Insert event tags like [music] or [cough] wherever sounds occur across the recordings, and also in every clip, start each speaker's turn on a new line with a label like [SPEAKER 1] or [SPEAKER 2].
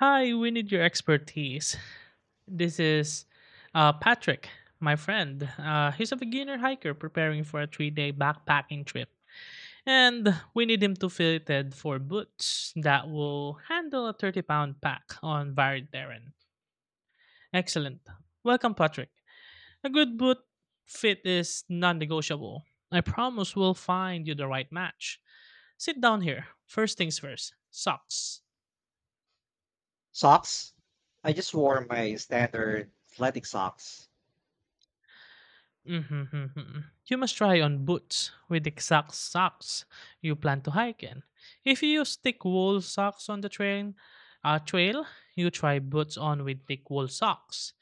[SPEAKER 1] Hi, we need your expertise. This is Patrick, my friend. He's a beginner hiker preparing for a 3-day backpacking trip. And we need him to fit it for boots that will handle a 30-pound pack on varied terrain. Excellent. Welcome, Patrick. A good boot fit is non negotiable. I promise we'll find you the right match. Sit down here. First things first, socks.
[SPEAKER 2] Socks? I just wore my standard athletic socks.
[SPEAKER 1] Mhm, mhm. You must try on boots with exact socks you plan to hike in. If you use thick wool socks on the trail, you try boots on with thick wool socks.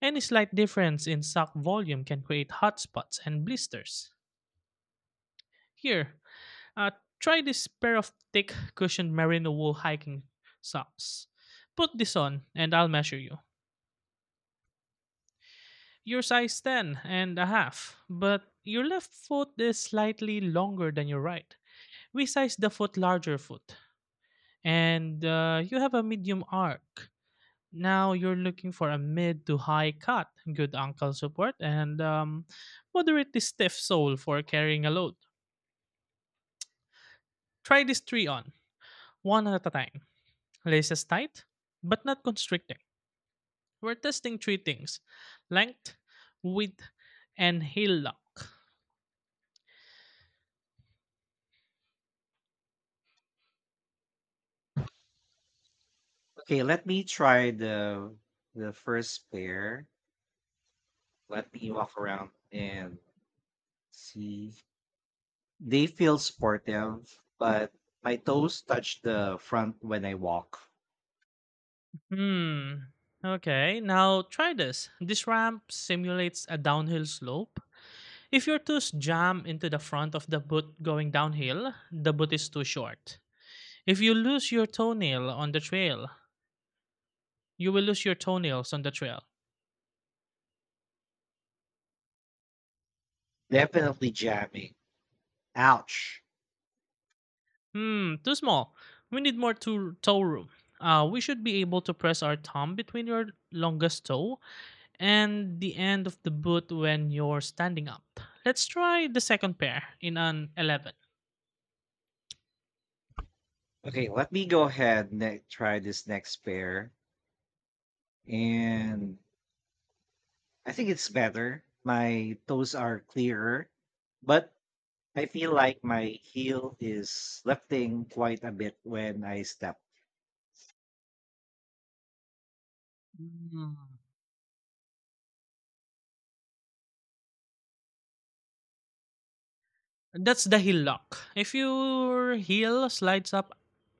[SPEAKER 1] Any slight difference in sock volume can create hot spots and blisters. Here, uh, try this pair of thick cushioned merino wool hiking socks. Put this on and I'll measure you. You're size 10.5, but your left foot is slightly longer than your right. We size the foot larger foot, and you have a medium arc. Now you're looking for a mid to high cut, good ankle support, and moderately stiff sole for carrying a load. Try these three on, one at a time. Laces tight, but not constricting. We're testing three things: length, width, and heel lock.
[SPEAKER 2] Okay, let me try the first pair. Let me walk around and see. They feel sportive, but my toes touch the front when I walk.
[SPEAKER 1] Hmm. Okay, now try this. This ramp simulates a downhill slope. If your toes jam into the front of the boot going downhill, the boot is too short. If you lose your toenail on the trail, you will lose your toenails on the trail.
[SPEAKER 2] Definitely jamming. Ouch.
[SPEAKER 1] Hmm, too small. We need more toe room. We should be able to press our thumb between your longest toe and the end of the boot when you're standing up. Let's try the second pair in an 11.
[SPEAKER 2] Okay, let me go ahead and try this next pair. And I think it's better. My toes are clearer, but I feel like my heel is lifting quite a bit when I step.
[SPEAKER 1] Hmm. That's the heel lock. If your heel slides up,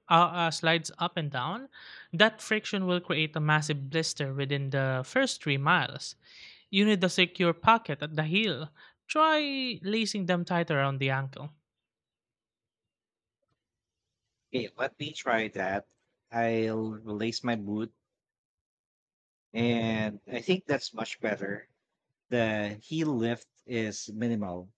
[SPEAKER 1] uh, uh, slides up and down, that friction will create a massive blister within the first 3 miles. You need a secure pocket at the heel. Try lacing them tight around the ankle.
[SPEAKER 2] Okay, let me try that. I'll release my boot, and I think that's much better. The heel lift is minimal.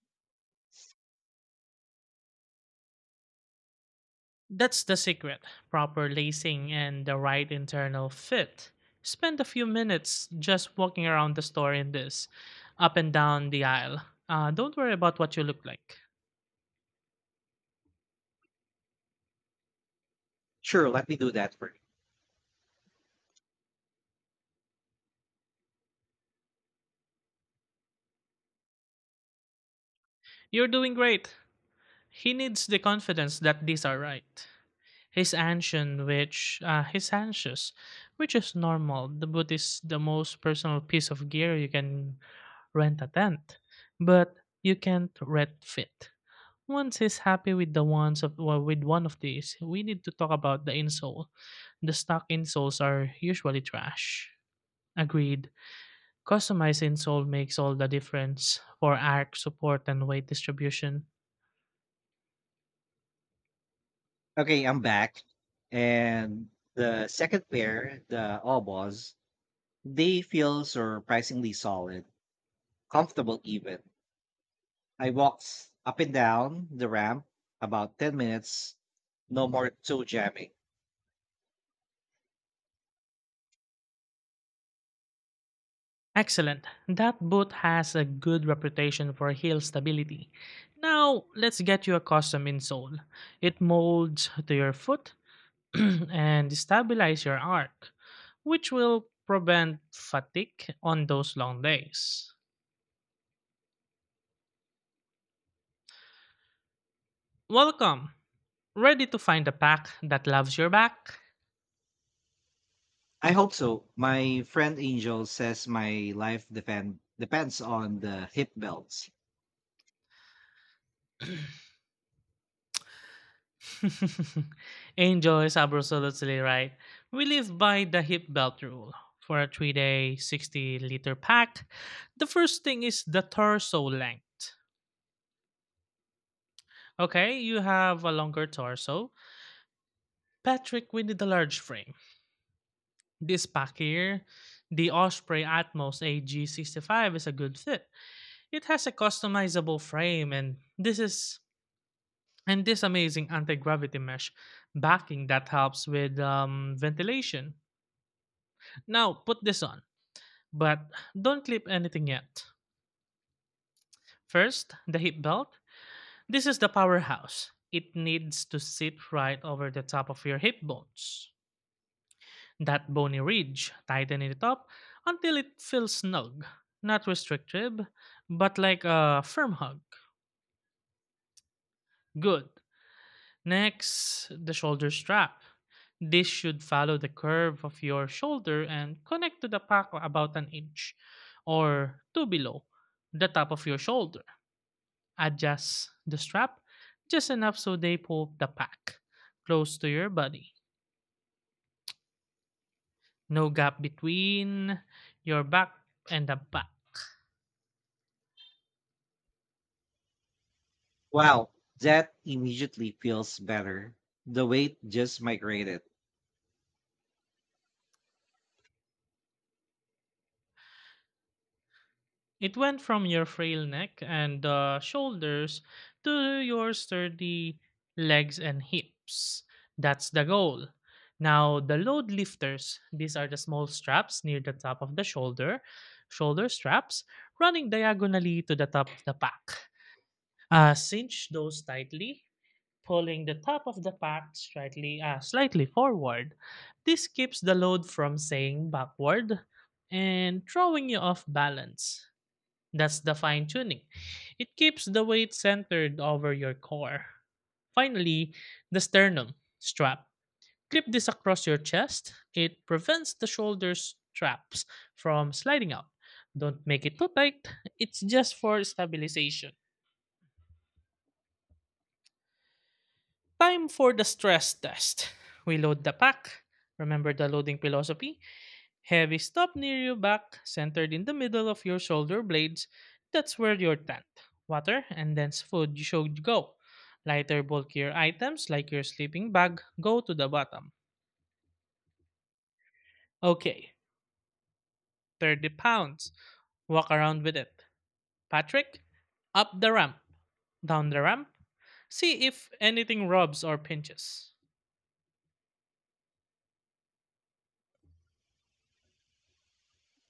[SPEAKER 1] That's the secret: proper lacing and the right internal fit. Spend a few minutes just walking around the store in this, up and down the aisle. Don't worry about what you look like.
[SPEAKER 2] Sure, let me do that for you.
[SPEAKER 1] You're doing great. He needs the confidence that these are right. He's anxious, which is normal. The boot is the most personal piece of gear you can rent a tent, but you can't rent fit. Once he's happy with the ones of well, with one of these, we need to talk about the insole. The stock insoles are usually trash. Agreed. Customized insole makes all the difference for arc support and weight distribution.
[SPEAKER 2] Okay, I'm back. And the second pair, the Obos, they feel surprisingly solid, comfortable even. I walked up and down the ramp about 10 minutes, no more toe jamming.
[SPEAKER 1] Excellent. That boot has a good reputation for heel stability. Now, let's get you a custom insole. It molds to your foot [clears throat] and stabilize your arc, which will prevent fatigue on those long days. Welcome! Ready to find a pack that loves your back?
[SPEAKER 2] I hope so. My friend Angel says my life depends on the hip belts.
[SPEAKER 1] [laughs] Angels, absolutely right. We live by the hip belt rule. For a 3 day 60-liter pack, the first thing is the torso length. Okay, you have a longer torso. Patrick, we need a large frame. This pack here, the Osprey Atmos AG65, is a good fit. It has a customizable frame and this is and this amazing anti-gravity mesh backing that helps with ventilation. Now put this on, but don't clip anything yet. First, the hip belt. This is the powerhouse. It needs to sit right over the top of your hip bones. That bony ridge, tighten it up until it feels snug. Not restrictive, but like a firm hug. Good. Next, the shoulder strap. This should follow the curve of your shoulder and connect to the pack about an inch or two below the top of your shoulder. Adjust the strap just enough so they pull the pack close to your body. No gap between your back and the back.
[SPEAKER 2] Wow, that immediately feels better. The weight just migrated.
[SPEAKER 1] It went from your frail neck and shoulders to your sturdy legs and hips. That's the goal. Now, the load lifters, these are the small straps near the top of the shoulder straps, running diagonally to the top of the pack. Cinch those tightly, pulling the top of the pack slightly forward. This keeps the load from saying backward and throwing you off balance. That's the fine tuning. It keeps the weight centered over your core. Finally, the sternum strap. Clip this across your chest. It prevents the shoulders straps from sliding out. Don't make it too tight. It's just for stabilization. Time for the stress test. We load the pack. Remember the loading philosophy? Heavy stuff near your back, centered in the middle of your shoulder blades. That's where your tent, water, and dense food should go. Lighter, bulkier items like your sleeping bag go to the bottom. Okay, 30 pounds. Walk around with it. Patrick, up the ramp, down the ramp. See if anything rubs or pinches.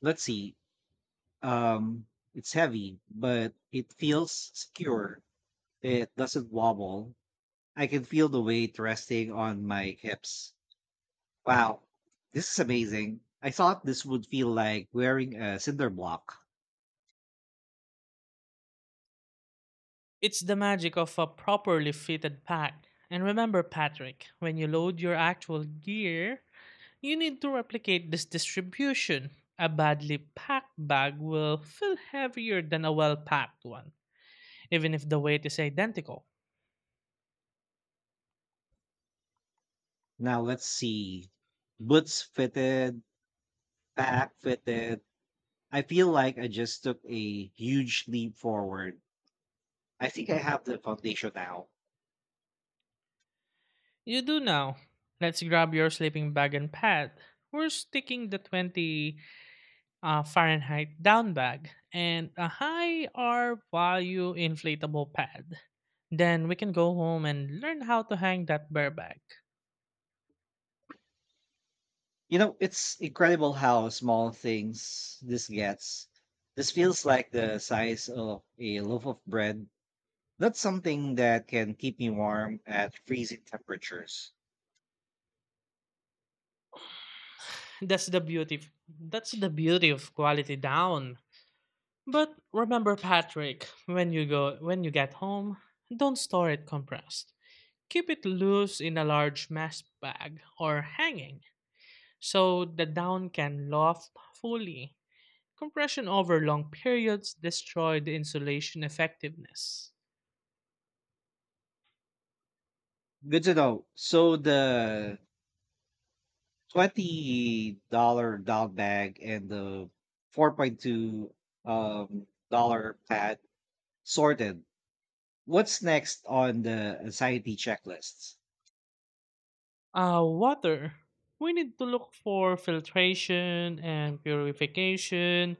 [SPEAKER 2] Let's see. Um, it's heavy, but it feels secure. It doesn't wobble. I can feel the weight resting on my hips. Wow, this is amazing. I thought this would feel like wearing a cinder block.
[SPEAKER 1] It's the magic of a properly fitted pack. And remember, Patrick, when you load your actual gear, you need to replicate this distribution. A badly packed bag will feel heavier than a well packed one, even if the weight is identical.
[SPEAKER 2] Now let's see. Boots fitted, back fitted. I feel like I just took a huge leap forward. I think I have the foundation now.
[SPEAKER 1] You do now. Let's grab your sleeping bag and pad. We're sticking the 20 Fahrenheit down bag and a high R value inflatable pad. Then we can go home and learn how to hang that bear bag.
[SPEAKER 2] You know, it's incredible how small things this gets. This feels like the size of a loaf of bread. That's something that can keep me warm at freezing temperatures.
[SPEAKER 1] That's the beauty. That's the beauty of quality down. But remember, Patrick, when you get home, don't store it compressed. Keep it loose in a large mesh bag or hanging so the down can loft fully. Compression over long periods destroy the insulation effectiveness.
[SPEAKER 2] Good to know. So the $20 dog bag and the 4.2 dollar pad sorted. What's next on the anxiety checklists?
[SPEAKER 1] Water. We need to look for filtration and purification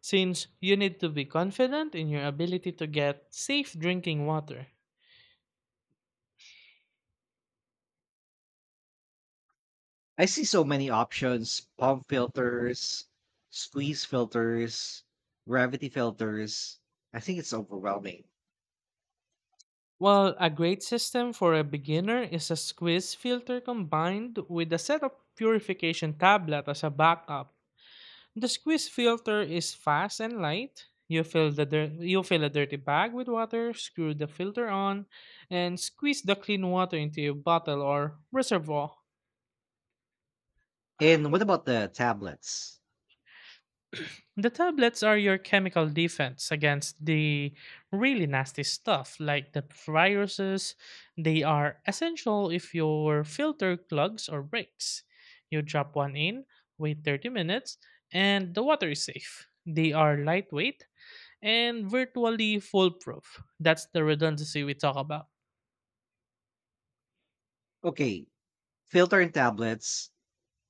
[SPEAKER 1] since you need to be confident in your ability to get safe drinking water.
[SPEAKER 2] I see so many options: pump filters, squeeze filters, gravity filters. I think it's overwhelming.
[SPEAKER 1] Well, a great system for a beginner is a squeeze filter combined with a set of purification tablet as a backup. The squeeze filter is fast and light. You fill a dirty bag with water, screw the filter on, and squeeze the clean water into your bottle or reservoir.
[SPEAKER 2] And what about the tablets?
[SPEAKER 1] The tablets are your chemical defense against the really nasty stuff like the viruses. They are essential if your filter clogs or breaks. You drop one in, wait 30 minutes, and the water is safe. They are lightweight and virtually foolproof. That's the redundancy we talk about.
[SPEAKER 2] Okay, filter and tablets.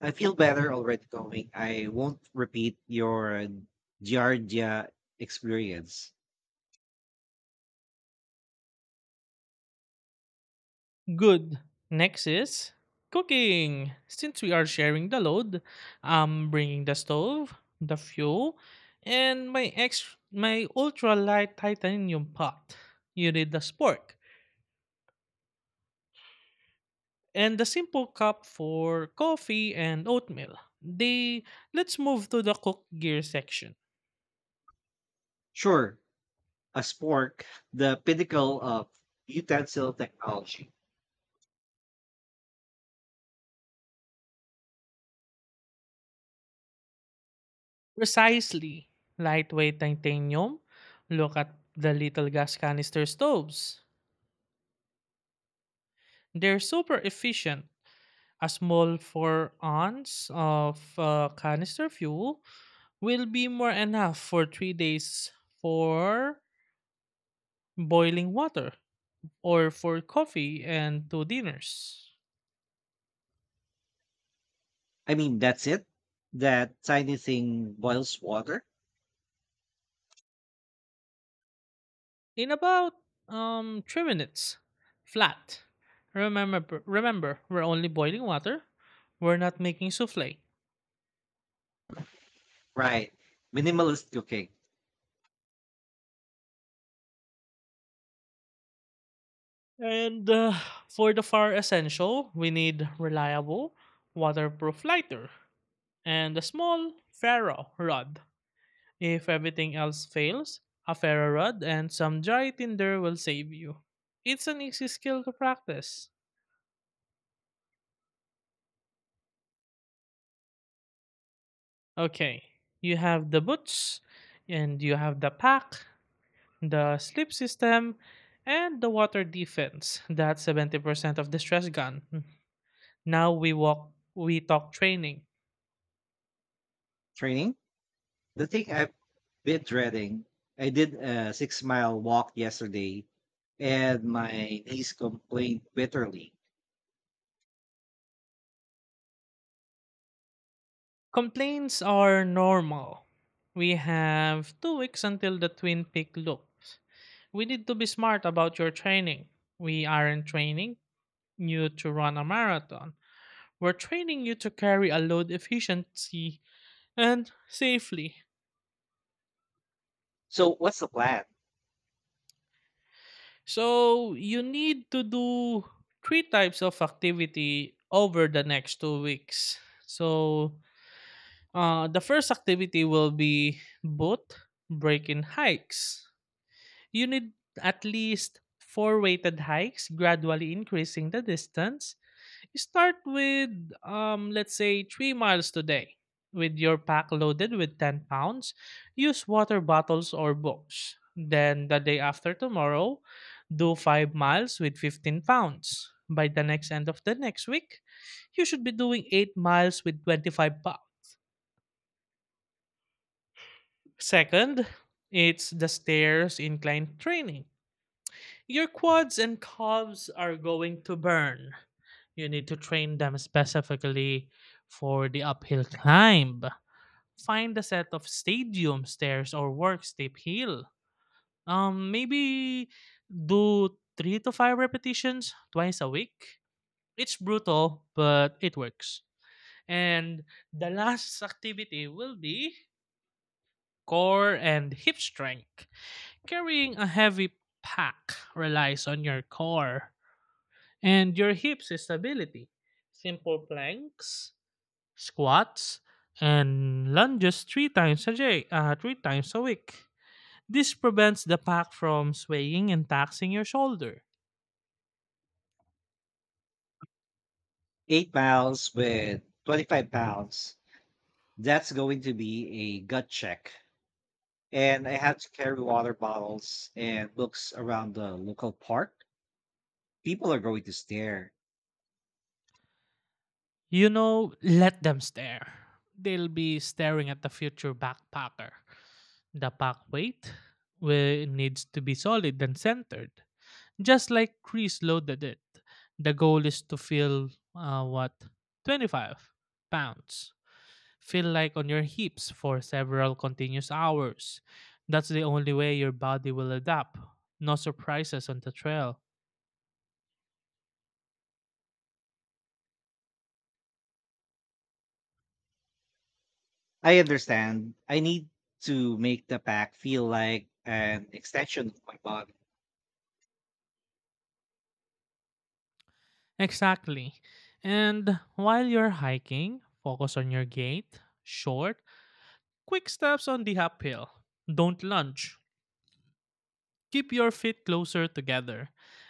[SPEAKER 2] I feel better already going. I won't repeat your Giardia experience.
[SPEAKER 1] Good. Next is cooking. Since we are sharing the load, I'm bringing the stove, the fuel, and my ultra light titanium pot. You need the spork and the simple cup for coffee and oatmeal. The Let's move to the cook gear section.
[SPEAKER 2] Sure, a spork, the pinnacle of utensil technology.
[SPEAKER 1] Precisely. Lightweight titanium. Look at the little gas canister stoves. They're super efficient. A small 4 ounce of canister fuel will be more enough for 3 days for boiling water or for coffee and two dinners.
[SPEAKER 2] I mean, that's it. That tiny thing boils water.
[SPEAKER 1] In about 3 minutes flat. Remember, we're only boiling water. We're not making souffle.
[SPEAKER 2] Right. Minimalist cooking
[SPEAKER 1] And for the fire essential, we need reliable, waterproof lighter and a small ferro rod. If everything else fails, a ferro rod and some dry tinder will save you. It's an easy skill to practice. Okay, you have the boots, and you have the pack, the slip system, and the water defense. That's 70% of the stress gun. Now we walk, we talk training.
[SPEAKER 2] training. The thing I've been dreading. I did a 6 mile walk yesterday and my niece complained bitterly.
[SPEAKER 1] Complaints are normal. We have 2 weeks until the Twin Peak loops. We need to be smart about your training. We aren't training you to run a marathon. We're training you to carry a load efficiently and safely.
[SPEAKER 2] So, what's the plan?
[SPEAKER 1] So you need to do three types of activity over the next 2 weeks. So the first activity will be boot breaking hikes. You need at least four weighted hikes, gradually increasing the distance. Start with, let's say, 3 miles today. With your pack loaded with 10 pounds, use water bottles or books. Then, the day after tomorrow, do 5 miles with 15 pounds. By the next end of the next week, you should be doing 8 miles with 25 pounds. Second, it's the stairs incline training. Your quads and calves are going to burn. You need to train them specifically for the uphill climb. Find a set of stadium stairs or work steep hill. Maybe do three to five repetitions twice a week. It's brutal, but it works. And the last activity will be core and hip strength. Carrying a heavy pack relies on your core and your hips is stability. Simple planks, squats, and lunges three times a week. This prevents the pack from swaying and taxing your shoulder.
[SPEAKER 2] 8 miles with 25 pounds. That's going to be a gut check. And I have to carry water bottles and books around the local park. People are going to stare.
[SPEAKER 1] You know, let them stare. They'll be staring at the future backpacker. The pack weight will, needs to be solid and centered, just like Chris loaded it. The goal is to feel what 25 pounds feel like on your hips for several continuous hours. That's the only way your body will adapt. No surprises on the trail.
[SPEAKER 2] I understand. I need to make the pack feel like an extension of my body.
[SPEAKER 1] Exactly. And while you're hiking, focus on your gait, short, quick steps on the uphill. Don't lunge. Keep your feet closer together.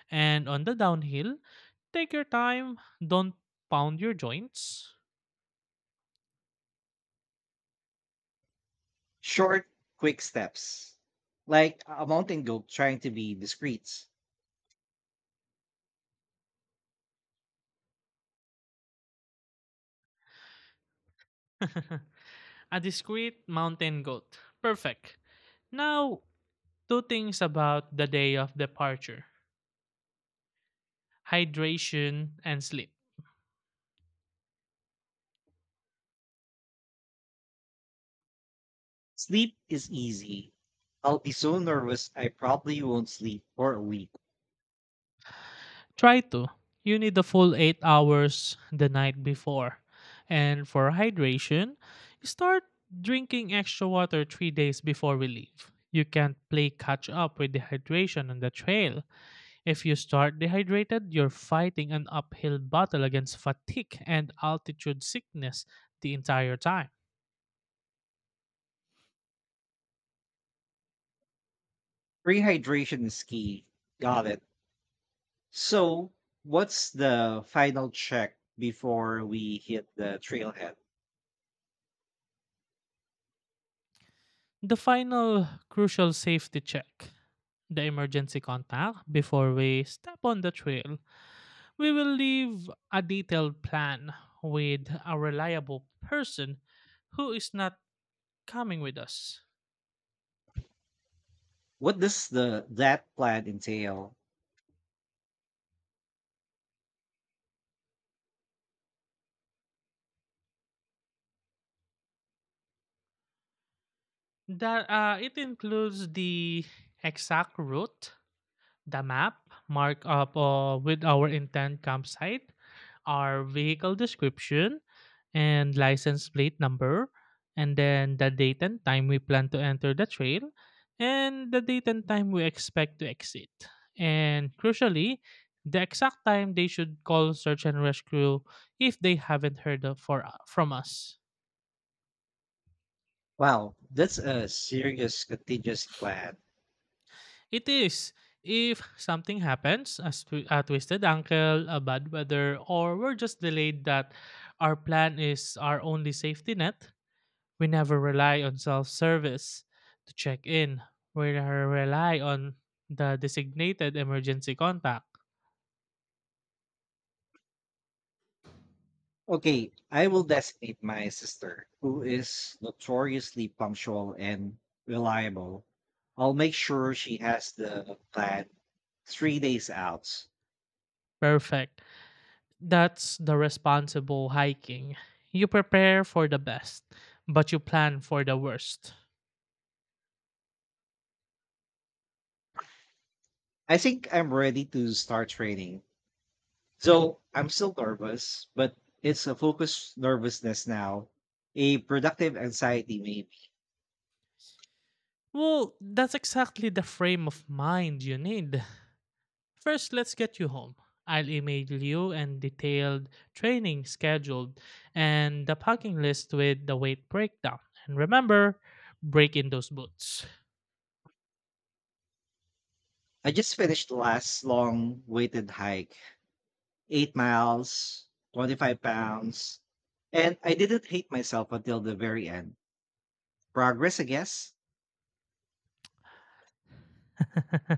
[SPEAKER 1] And on the downhill, take your time. Don't pound your joints.
[SPEAKER 2] Short, quick steps. Like a mountain goat trying to be discreet.
[SPEAKER 1] [laughs] A discreet mountain goat. Perfect. Now, two things about the day of departure: hydration and sleep.
[SPEAKER 2] Sleep is easy. I'll be so nervous I probably won't sleep for a week.
[SPEAKER 1] Try to. You need the full 8 hours the night before. And for hydration, start drinking extra water 3 days before we leave. You can't play catch up with the hydration on the trail. If you start dehydrated, you're fighting an uphill battle against fatigue and altitude sickness the entire time.
[SPEAKER 2] Rehydration is key. Got it. So, what's the final check before we hit the trailhead?
[SPEAKER 1] The final crucial safety check: the emergency contact before we step on the trail. We will leave a detailed plan with a reliable person who is not coming with us.
[SPEAKER 2] What does the that plan entail?
[SPEAKER 1] That It includes the exact route, the map, marked up with our intent campsite, our vehicle description, and license plate number, and then the date and time we plan to enter the trail, and the date and time we expect to exit. And crucially, the exact time they should call search and rescue if they haven't heard from us.
[SPEAKER 2] Wow, that's a serious contingency plan.
[SPEAKER 1] It is. If something happens, a twisted ankle, a bad weather, or we're just delayed, that our plan is our only safety net, we never rely on self service to check in. We re- rely on the designated emergency contact.
[SPEAKER 2] Okay, I will designate my sister, who is notoriously punctual and reliable. I'll make sure she has the plan 3 days out.
[SPEAKER 1] Perfect. That's the responsible hiking. You prepare for the best, but you plan for the worst.
[SPEAKER 2] I think I'm ready to start training. So I'm still nervous, but it's a focused nervousness now, a productive anxiety, maybe.
[SPEAKER 1] Well, that's exactly the frame of mind you need. First, let's get you home. I'll email you and detailed training scheduled and the packing list with the weight breakdown. And remember, break in those boots.
[SPEAKER 2] I just finished the last long weighted hike, 8 miles, 25 pounds, and I didn't hate myself until the very end. Progress, I guess.
[SPEAKER 1] [laughs]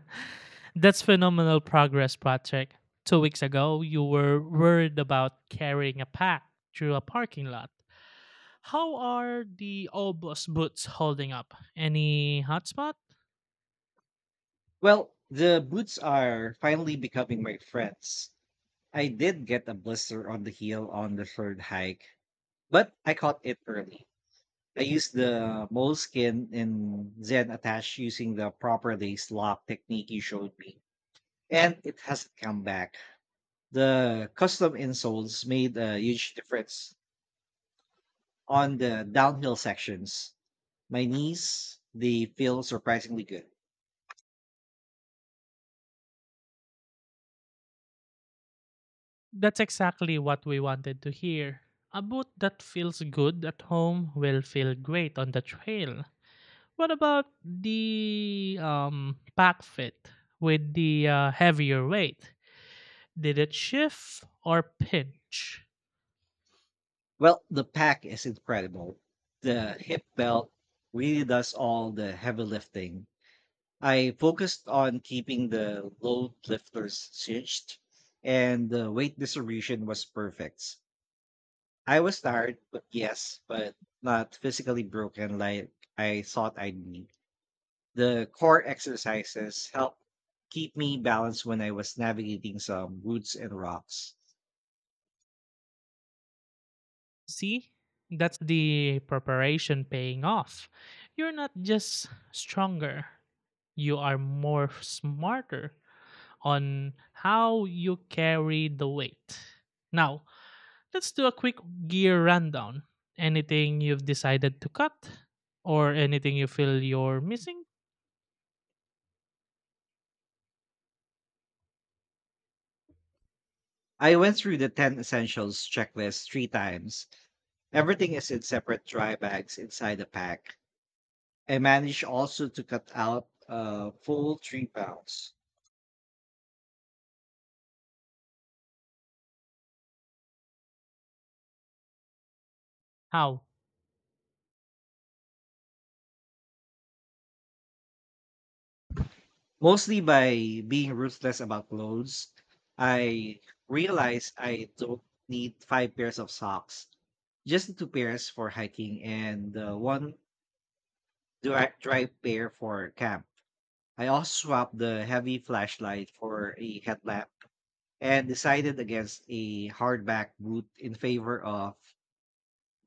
[SPEAKER 1] That's phenomenal progress, Patrick. 2 weeks ago, you were worried about carrying a pack through a parking lot. How are the Obos boots holding up? Any hot spots?
[SPEAKER 2] Well, the boots are finally becoming my friends. I did get a blister on the heel on the third hike, but I caught it early. I used the moleskin and Zen attach using the proper lace lock technique you showed me, and it hasn't come back. The custom insoles made a huge difference on the downhill sections. My knees, they feel surprisingly good.
[SPEAKER 1] That's exactly what we wanted to hear. A boot that feels good at home will feel great on the trail. What about the pack fit with the heavier weight? Did it shift or pinch?
[SPEAKER 2] Well, the pack is incredible. The hip belt really does all the heavy lifting. I focused on keeping the load lifters cinched, and the weight distribution was perfect. I was tired, but yes, but not physically broken like I thought I'd need. The core exercises helped keep me balanced when I was navigating some woods and rocks.
[SPEAKER 1] See, that's the preparation paying off. You're not just stronger, you are more smarter on how you carry the weight. Now, let's do a quick gear rundown. Anything you've decided to cut or anything you feel you're missing?
[SPEAKER 2] I went through the 10 essentials checklist three times. Everything is in separate dry bags inside the pack. I managed also to cut out a full 3 pounds,
[SPEAKER 1] How?
[SPEAKER 2] mostly by being ruthless about clothes. I realized I don't need five pairs of socks, just the two pairs for hiking and the one dry pair for camp. I also swapped the heavy flashlight for a headlamp and decided against a hardback boot in favor of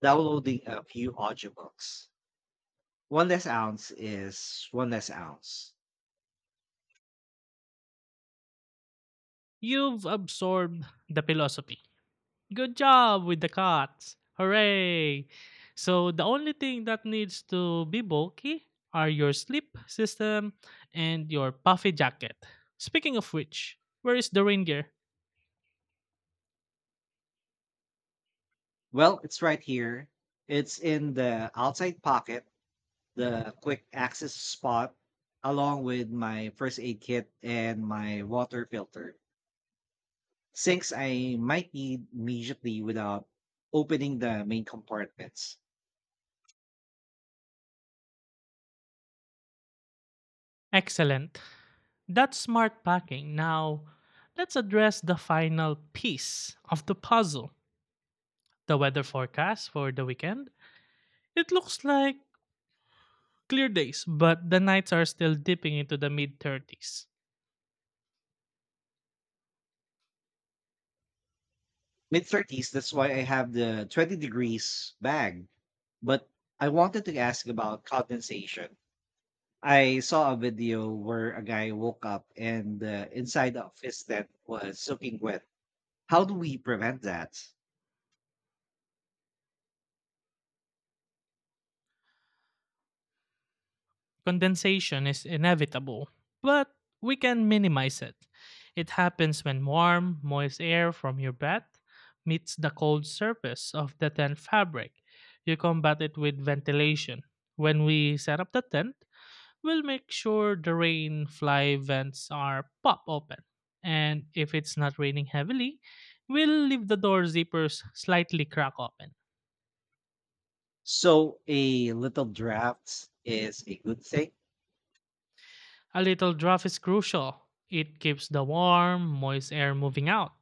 [SPEAKER 2] downloading a few audiobooks. One less ounce is one less ounce.
[SPEAKER 1] You've absorbed the philosophy. Good job with the cuts. Hooray! So the only thing that needs to be bulky are your sleep system and your puffy jacket. Speaking of which, where is the rain gear?
[SPEAKER 2] Well, it's right here. It's in the outside pocket, the quick access spot, along with my first aid kit and my water filter, since I might need immediately without opening the main compartments.
[SPEAKER 1] Excellent. That's smart packing. Now, let's address the final piece of the puzzle: the weather forecast for the weekend. It looks like clear days, but the nights are still dipping into the mid 30s.
[SPEAKER 2] Mid 30s, that's why I have the 20 degrees bag. But I wanted to ask about condensation. I saw a video where a guy woke up and the inside of his tent was soaking wet. How do we prevent that?
[SPEAKER 1] Condensation is inevitable, but we can minimize it. It happens when warm, moist air from your bath meets the cold surface of the tent fabric. You combat it with ventilation. When we set up the tent, we'll make sure the rain fly vents are pop open. And if it's not raining heavily, we'll leave the door zippers slightly crack open.
[SPEAKER 2] So a little draft is a good thing.
[SPEAKER 1] A little draft is crucial. It keeps the warm, moist air moving out.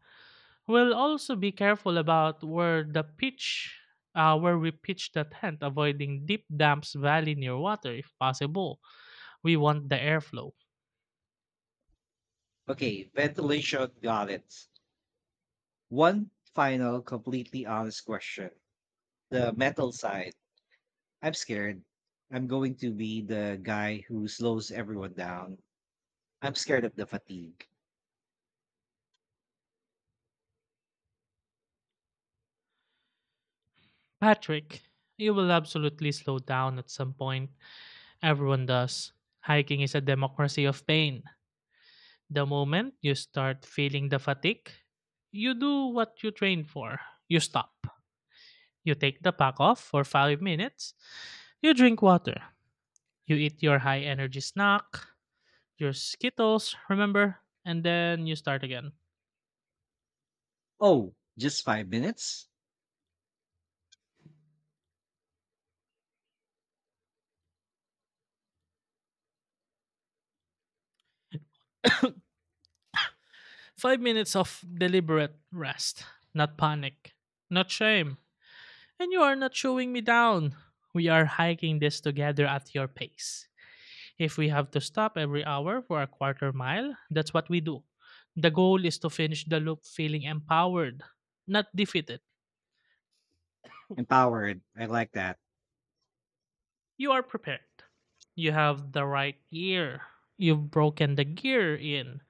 [SPEAKER 1] We'll also be careful about where we pitch the tent, avoiding deep damps, valley near water if possible. We want the airflow.
[SPEAKER 2] Okay, ventilation, got it. One final, completely honest question. The metal side. I'm scared. I'm going to be the guy who slows everyone down. I'm scared of the fatigue.
[SPEAKER 1] Patrick, you will absolutely slow down at some point. Everyone does. Hiking is a democracy of pain. The moment you start feeling the fatigue, you do what you trained for. You stop. You take the pack off for 5 minutes. You drink water. You eat your high energy snack, your skittles, remember? And then you start again.
[SPEAKER 2] Oh, just 5 minutes?
[SPEAKER 1] 5 minutes of deliberate rest, not panic, not shame. And you are not showing me down. We are hiking this together at your pace. If we have to stop every hour for a quarter mile, that's what we do. The goal is to finish the loop feeling empowered, not defeated.
[SPEAKER 2] Empowered. I like that.
[SPEAKER 1] You are prepared. You have the right gear. You've broken the gear in,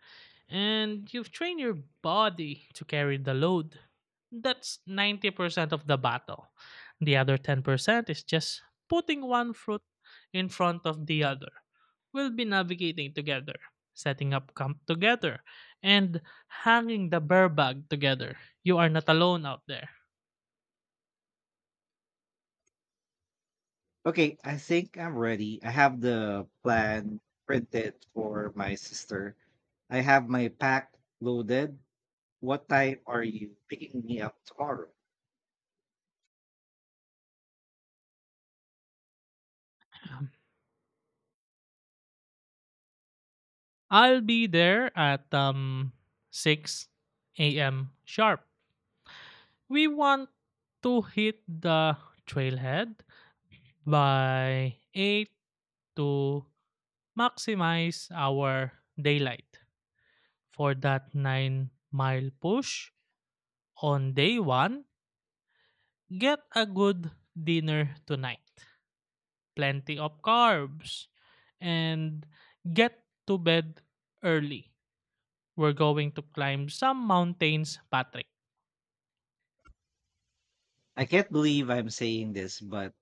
[SPEAKER 1] and you've trained your body to carry the load. That's 90% of the battle. The other 10% is just putting one foot in front of the other. We'll be navigating together, setting up camp together, and hanging the bear bag together. You are not alone out there.
[SPEAKER 2] Okay, I think I'm ready. I have the plan printed for my sister. I have my pack loaded. What time are you picking me up tomorrow?
[SPEAKER 1] Um, I'll be there at 6 a.m. sharp. We want to hit the trailhead by 8 to maximize our daylight. For that 9-mile push on day 1, get a good dinner tonight. Plenty of carbs and get to bed early. We're going to climb some mountains, Patrick.
[SPEAKER 2] I can't believe I'm saying this, but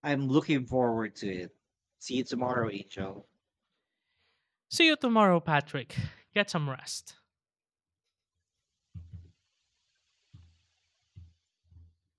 [SPEAKER 2] I'm looking forward to it. See you tomorrow, Angel.
[SPEAKER 1] See you tomorrow, Patrick. Get some rest.